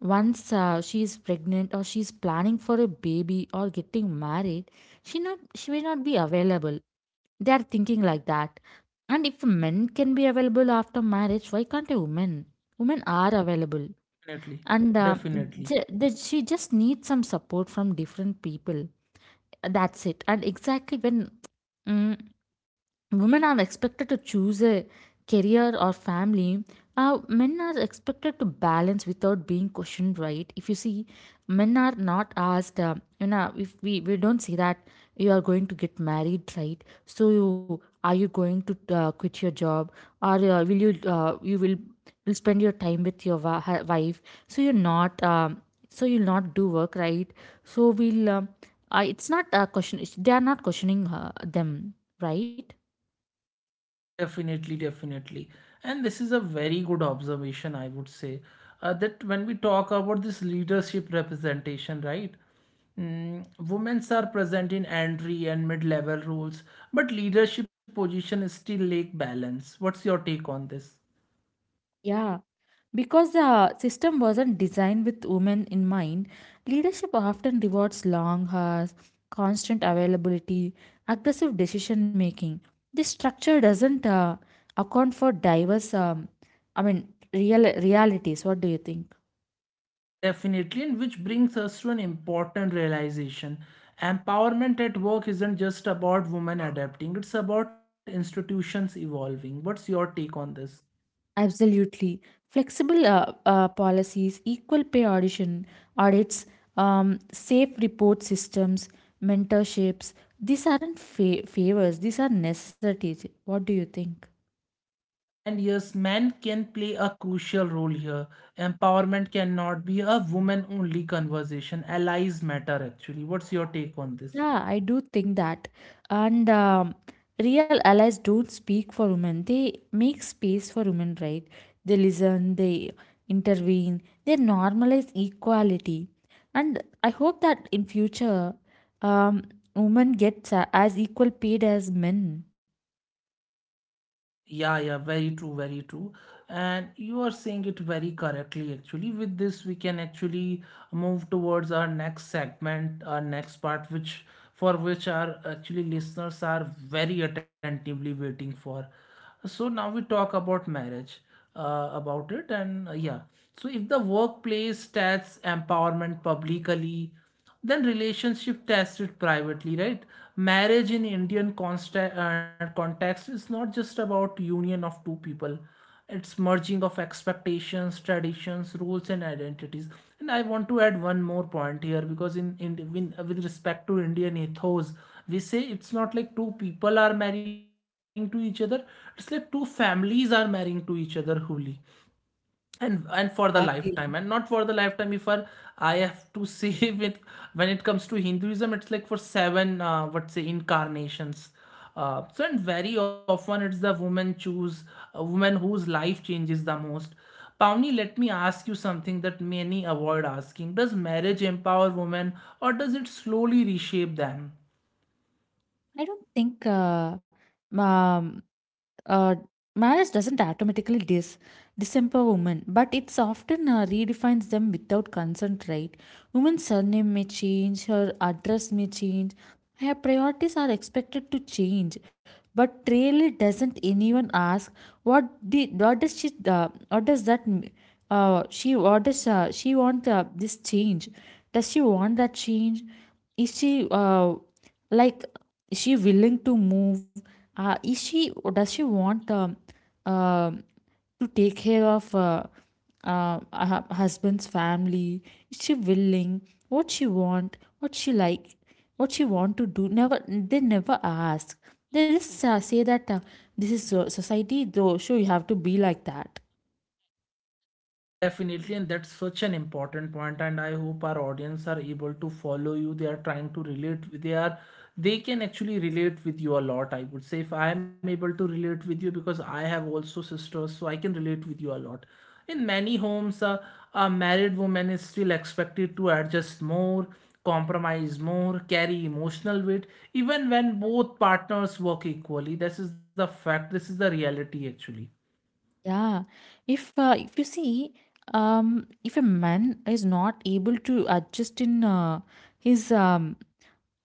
S2: once she is pregnant or she is planning for a baby or getting married, she will not be available. They are thinking like that. And if men can be available after marriage, why can't a woman? Women are available.
S1: Definitely,
S2: And
S1: definitely.
S2: she just needs some support from different people. That's it. And exactly when mm, women are expected to choose a career or family, men are expected to balance without being questioned, right? If you see, men are not asked, you know, if we, we don't say that you are going to get married, right? So you, are you going to quit your job, or will you you will spend your time with your wife? So you're not so you'll not do work, right? So we'll it's not a question, they are not questioning them, right?
S1: Definitely, definitely. And this is a very good observation, I would say. That when we talk about this leadership representation, right. Mm. Women are present in entry and mid-level roles, but leadership positions still lack balance. What's your take on this?
S2: Yeah, because the system wasn't designed with women in mind, leadership often rewards long hours, constant availability, aggressive decision making. This structure doesn't account for diverse, I mean, realities. What do you think?
S1: Definitely, and which brings us to an important realization. Empowerment at work isn't just about women adapting, it's about institutions evolving. What's your take on this?
S2: Absolutely. Flexible policies, equal pay audition audits, safe report systems, mentorships. These aren't favors, these are necessities. What do you think?
S1: And yes, men can play a crucial role here. Empowerment cannot be a woman only conversation. Allies matter actually. What's your take on this?
S2: Yeah, I do think that. And real allies don't speak for women. They make space for women, right? They listen, they intervene, they normalize equality. And I hope that in future, um, women get as equal paid as men.
S1: Yeah, yeah, very true, very true. And you are saying it very correctly, actually. With this, we can actually move towards our next segment, our next part, which, for which our actually listeners are very attentively waiting for. So now we talk about marriage, about it, and yeah. So if the workplace stats empowerment publicly, then relationship tested privately, right? Marriage in Indian context is not just about union of two people, it's merging of expectations, traditions, rules, and identities. And I want to add one more point here, because in with respect to Indian ethos, we say it's not like two people are marrying to each other, it's like two families are marrying to each other wholly, and for the lifetime. And not
S2: Exactly.
S1: for the lifetime, if I have to say with, when it comes to Hinduism, it's like for seven what say incarnations. So, and very often it's the woman choose a woman whose life changes the most. Pavni, let me ask you something that many avoid asking. Does marriage empower women, or does it slowly reshape them?
S2: I don't think um, uh, marriage doesn't automatically disempower women, but it's often redefines them without consent, right? Women's surname may change, her address may change, her priorities are expected to change, but really doesn't anyone ask what did what does she what does that m- she what does she want this change? Does she want that change? Is she like, is she willing to move, is she or does she want uh, to take care of her husband's family? Is she willing? What she want, what she like, what she want to do? Never they never ask. They just say that this is society though, so you have to be like that.
S1: Definitely, and that's such an important point, and I hope our audience are able to follow you. They are trying to relate with they are they can actually relate with you a lot. I would say, if I am able to relate with you, because I have also sisters, so I can relate with you a lot. In many homes, a married woman is still expected to adjust more, compromise more, carry emotional weight, even when both partners work equally. This is the fact, this is the reality actually.
S2: Yeah, if you see, if a man is not able to adjust in his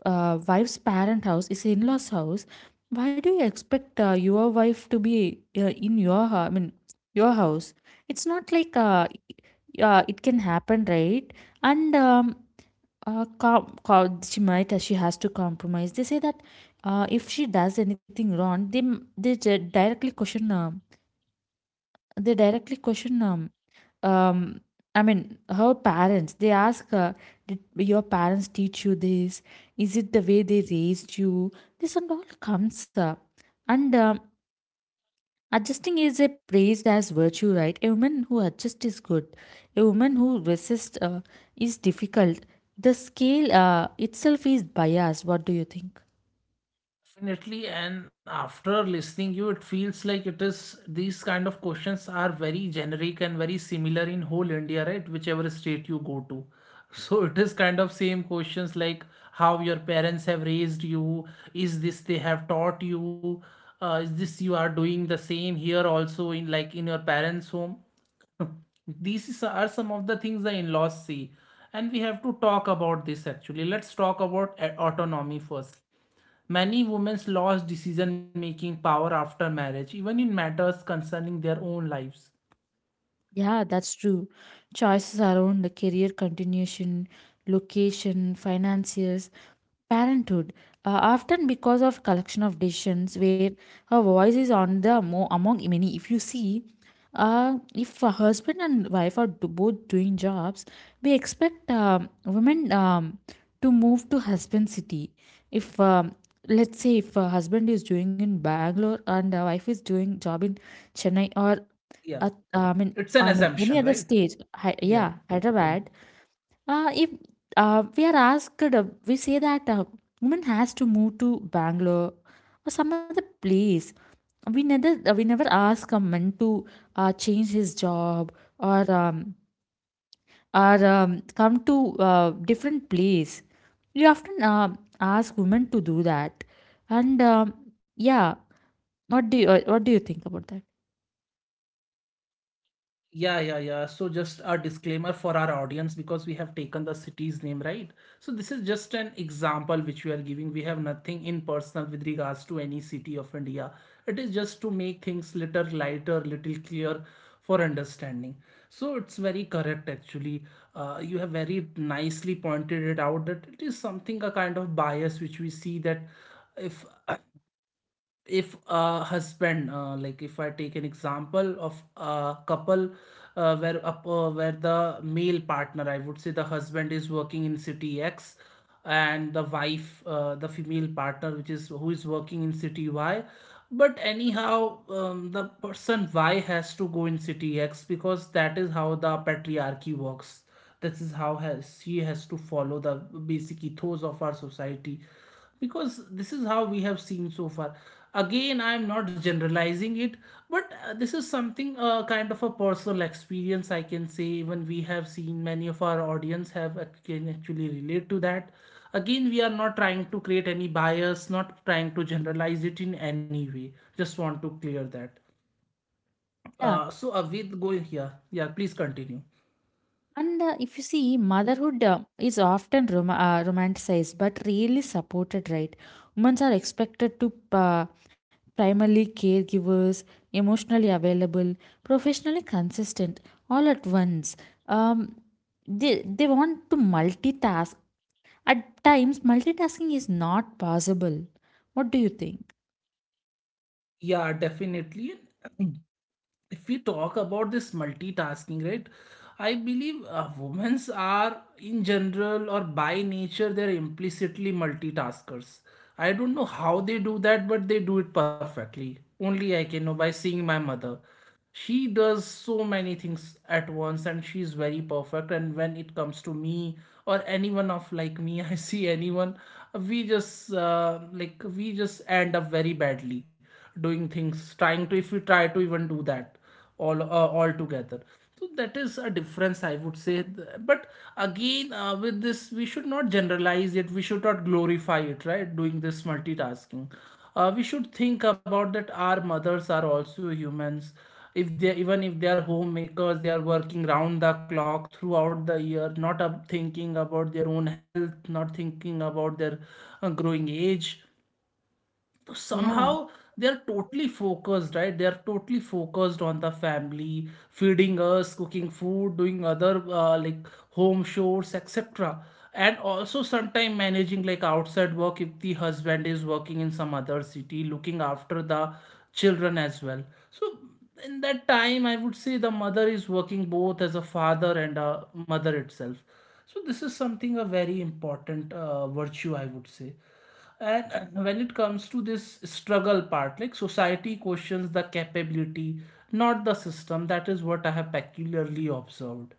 S2: wife's parent house, is in-laws house, why do you expect your wife to be in your I mean, your house? It's not like it can happen, right? And she might, she has to compromise, they say that if she does anything wrong, they m- they ju- directly question, they directly question, um I mean, her parents, they ask her, did your parents teach you this? Is it the way they raised you? This and all comes up. And adjusting is a praised as virtue, right? A woman who adjusts is good, a woman who resists is difficult. The scale itself is biased. What do you think?
S1: Definitely, and after listening you, it feels like it is, these kind of questions are very generic and very similar in whole India, right? Whichever state you go to. So it is kind of same questions like, how your parents have raised you, is this they have taught you, is this you are doing the same here also, in like in your parents' home. Are some of the things the in-laws see, and we have to talk about this actually. Let's talk about autonomy first. Many women lost decision making power after marriage, even in matters concerning their own lives.
S2: Yeah, that's true. Choices around the career continuation, location, financiers, parenthood often because of collection of decisions where her voice is on the among many. If you see, if a husband and wife are both doing jobs, we expect women to move to husband city. If let's say if a husband is doing in Bangalore and a wife is doing job in Chennai or
S1: Yeah, it's
S2: I
S1: an
S2: mean, any other
S1: assumption, right?
S2: stage,
S1: Yeah.
S2: Hyderabad.
S1: Hmm.
S2: If we are asked, we say that woman has to move to Bangalore or some other place. We never ask a man to change his job or come to different place. We often ask women to do that, and yeah, what do you think about that?
S1: Yeah, yeah, yeah. So just a disclaimer for our audience, because we have taken the city's name, right? So this is just an example which we are giving. We have nothing in personal with regards to any city of India. It is just to make things little lighter, little clear for understanding. So it's very correct actually. You have very nicely pointed it out, that it is something a kind of bias which we see, that if if a husband, like if I take an example of a couple, where the male partner, I would say the husband, is working in city X, and the wife, the female partner, which is who is working in city Y. But anyhow, the person Y has to go in city X, because that is how the patriarchy works. This is how has, She has to follow the basic ethos of our society, because this is how we have seen so far. Again, I am not generalizing it, but this is something, kind of a personal experience I can say. Even we have seen many of our audience have, can actually relate to that. Again, we are not trying to create any bias, not trying to generalize it in any way, just want to clear that.
S2: Yeah.
S1: With go here, yeah, please continue.
S2: And if you see, motherhood is often romanticized but really supported, right? Women are expected to primarily caregivers, emotionally available, professionally consistent, all at once. Um, they want to multitask. At times, multitasking is not possible. What do you think?
S1: Yeah, definitely. If we talk about this multitasking, right, I believe women are, in general or by nature, they're implicitly multitaskers. I don't know how they do that, but they do it perfectly. Only I can know by seeing my mother. She does so many things at once, and she's very perfect. And when it comes to me, or anyone of like me, I see anyone, we just like, we just end up very badly doing things, trying to, if we try to even do that, all together. So that is a difference, I would say. But again, with this, we should not generalize it, we should not glorify it, right, doing this multitasking. We should think about that, our mothers are also humans. If they, even if they are homemakers, they are working round the clock throughout the year, not up thinking about Their own health, not thinking about their growing age. So
S2: Yeah,
S1: somehow they're totally focused, right? They're totally focused on the family, feeding us, cooking food, doing other home chores, etc. And also sometime managing like outside work, if the husband is working in some other city, looking after the children as well. So in that time, I would say the mother is working both as a father and a mother itself. So this is something a very important virtue, I would say. And when it comes to this struggle part, like, society questions the capability, not the system. That is what I have peculiarly observed.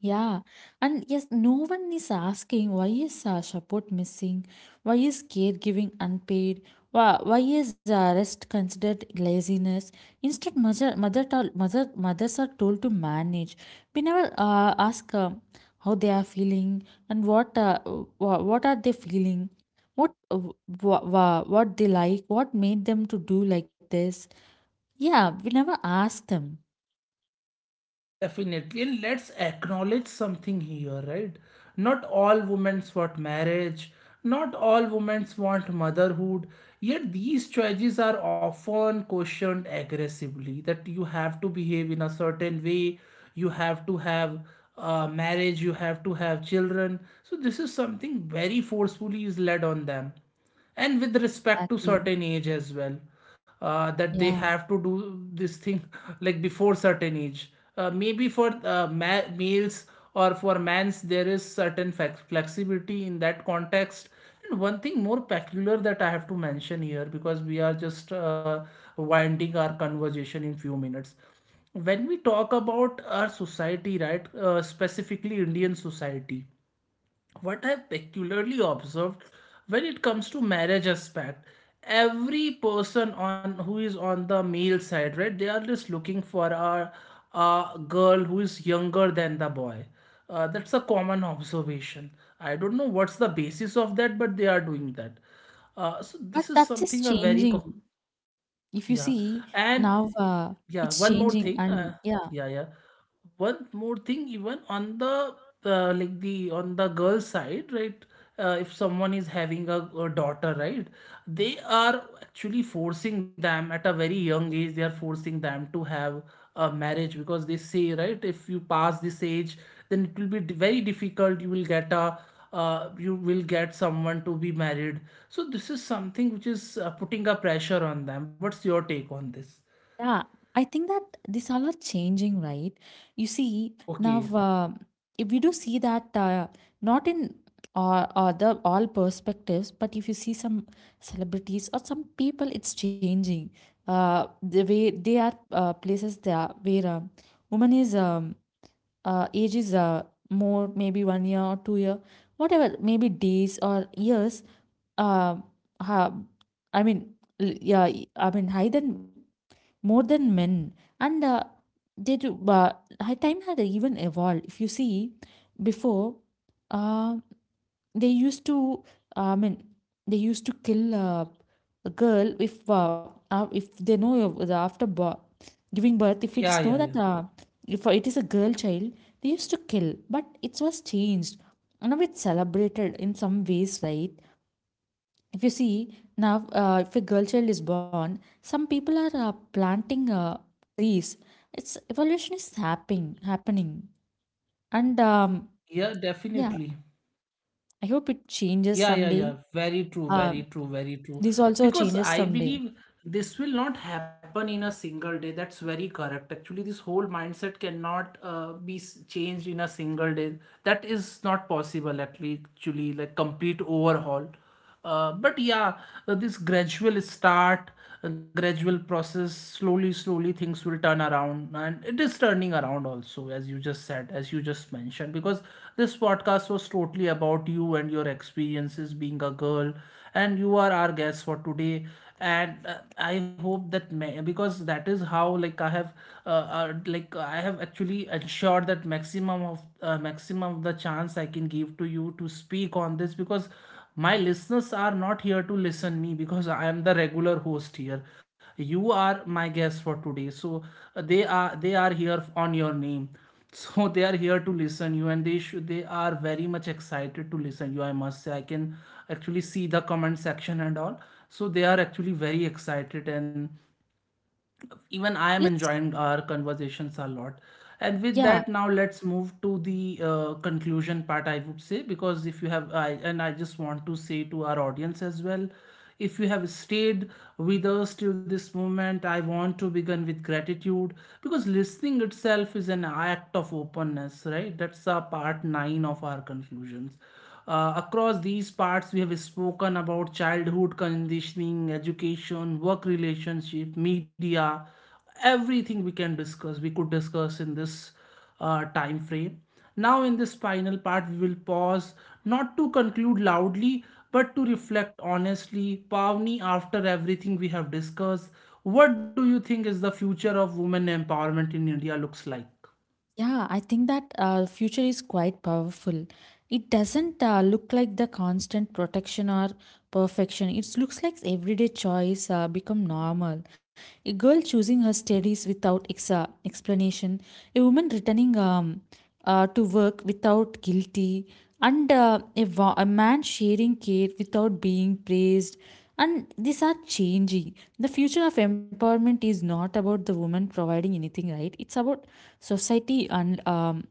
S2: yeah, and yes, no one is asking why is support missing, why is caregiving unpaid, why is rest considered laziness. Instead, mothers are told to manage. We never ask how they are feeling, and what what are they feeling, what what they like, what made them to do like this. Yeah, we never ask them.
S1: Definitely, and let's acknowledge something here, right? Not all women want marriage, not all women want motherhood, yet these choices are often questioned aggressively, that you have to behave in a certain way, you have to have marriage, you have to have children. So, this is something very forcefully is led on them, and with respect to
S2: Exactly.
S1: certain age as well, that they
S2: Yeah,
S1: have to do this thing like before certain age. Maybe for males or for mans, there is certain flexibility in that context. And one thing more peculiar that I have to mention here, because we are just winding our conversation in few minutes. When we talk about our society, right, specifically Indian society, what I've peculiarly observed, when it comes to marriage aspect, every person on who is on the male side, right, they are just looking for a girl who is younger than the boy. That's a common observation. I don't know what's the basis of that, but they are doing that. So
S2: but
S1: this is
S2: that is
S1: something a very
S2: changing. If you
S1: yeah,
S2: see
S1: and
S2: now,
S1: yeah,
S2: it's
S1: one more
S2: changing,
S1: thing.
S2: and yeah,
S1: Yeah, yeah, one more thing, even on the on the girl side, right? If someone is having a daughter, right, they are actually forcing them at a very young age, they are forcing them to have a marriage, because they say, right, if you pass this age, then it will be very difficult, you will get a you will get someone to be married. So this is something which is putting a pressure on them. What's your take on this?
S2: yeah, I think that these all are changing, right? You see now,
S1: Okay.
S2: um if we do see that not in other all perspectives, but if you see some celebrities or some people, it's changing. The way they are places they are where woman is age is more, maybe 1 year or 2 year, whatever, maybe days or years, uh, ha, I mean, yeah, I mean, higher than, more than men, and they do. But time had even evolved. If you see, before, uh, they used to. I mean, they used to kill a girl if they know of the after giving birth. If it
S1: Yeah,
S2: is know
S1: yeah,
S2: that
S1: yeah.
S2: if it is a girl child, they used to kill. But it was changed. Now it's celebrated in some ways, right? If you see now, if a girl child is born, some people are planting trees. It's evolution is happening, happening. And
S1: Yeah,
S2: yeah,
S1: definitely.
S2: I hope it changes
S1: Yeah, yeah,
S2: someday.
S1: yeah. Very true,
S2: uh,
S1: very true, very true.
S2: this also
S1: Because
S2: changes
S1: I
S2: someday.
S1: believe this will not happen in a single day. That's very correct. Actually, this whole mindset cannot be changed in a single day. That is not possible, actually, like, complete overhaul. But yeah, this gradual start, a gradual process, slowly, slowly, things will turn around, and it is turning around also, as you just said, as you just mentioned. Because this podcast was totally about you and your experiences being a girl, and you are our guest for today. And I hope that because that is how, like I have actually ensured that maximum of the chance I can give to you to speak on this, because my listeners are not here to listen me, because I am the regular host here. You are my guest for today, so they are here on your name so they are here to listen you, and they should, they are very much excited to listen you, I must say. I can actually see the comment section and all, so they are actually very excited, and even I am
S2: Let's,
S1: enjoying our conversations a lot. And with
S2: yeah,
S1: that, now let's move to the conclusion part, I would say. Because if you have, I, and I just want to say to our audience as well, if you have stayed with us till this moment, I want to begin with gratitude, because listening itself is an act of openness, right? That's a part nine of our conclusions. Across these parts, we have spoken about childhood conditioning, education, work relationship, media, everything we can discuss, we could discuss in this time frame. Now, in this final part, we will pause, not to conclude loudly, but to reflect honestly. Pavni, after everything we have discussed, what do you think is the future of women empowerment in India looks like?
S2: yeah, I think that future is quite powerful. It doesn't look like the constant protection or perfection. It looks like everyday choice become normal. A girl choosing her studies without explanation. A woman returning to work without guilty, and a man sharing care without being praised. And these are changing. The future of empowerment is not about the woman providing anything, right? It's about society and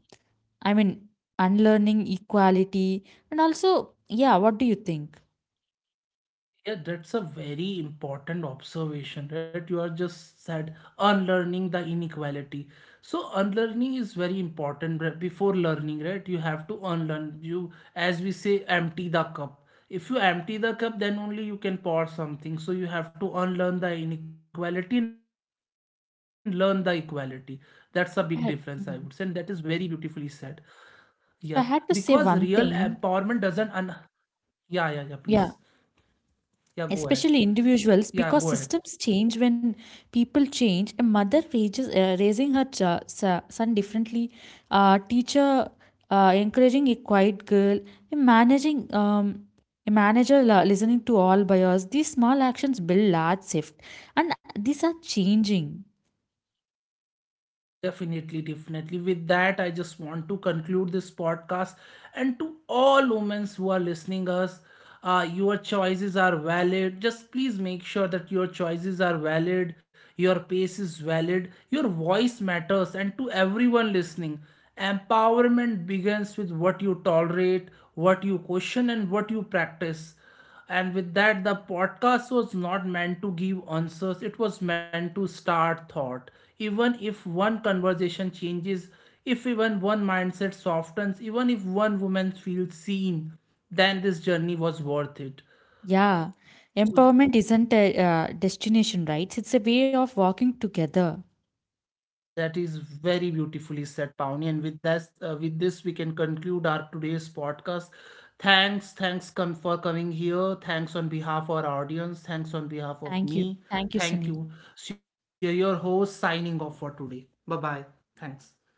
S2: I mean, unlearning equality. And also, yeah, what do you think?
S1: Yeah, that's a very important observation, right? You are just said unlearning the inequality. So unlearning is very important, right? Before learning, right? You have to unlearn. You, as we say, empty the cup. If you empty the cup, then only you can pour something. So you have to unlearn the inequality and learn the equality. That's a big difference, I would say. And that is
S2: I
S1: very
S2: had- mm.
S1: beautifully said. Yeah, because
S2: If I
S1: real
S2: had to say
S1: empowerment
S2: one
S1: doesn't
S2: thing,
S1: un. Yeah, yeah, yeah. Please,
S2: yeah,
S1: yeah, go ahead.
S2: especially
S1: Yeah, go
S2: individuals,
S1: ahead.
S2: because systems change when people change. A mother raises, raising her son differently. A teacher encouraging a quiet girl. A managing a manager listening to all buyers. These small actions build large shift. And these are changing.
S1: Definitely, definitely. With that, I just want to conclude this podcast. And to all women who are listening us, your choices are valid. Just please make sure that your choices are valid, your pace is valid, your voice matters. And to everyone listening, empowerment begins with what you tolerate, what you question, and what you practice. And with that, the podcast was not meant to give answers, it was meant to start thought. Even if one conversation changes, if even one mindset softens, even if one woman feels seen, then this journey was worth it.
S2: Yeah,
S1: So,
S2: empowerment isn't a destination, right? It's a way of walking together.
S1: that is very beautifully said, Pawnee. And with this, we can conclude our today's podcast. Thanks come for coming here. Thanks on behalf of our audience. Thanks on behalf
S2: Thank you,
S1: of
S2: thank
S1: me.
S2: you, Sunil.
S1: Thank you. So your host signing off for today. Bye bye. Thanks.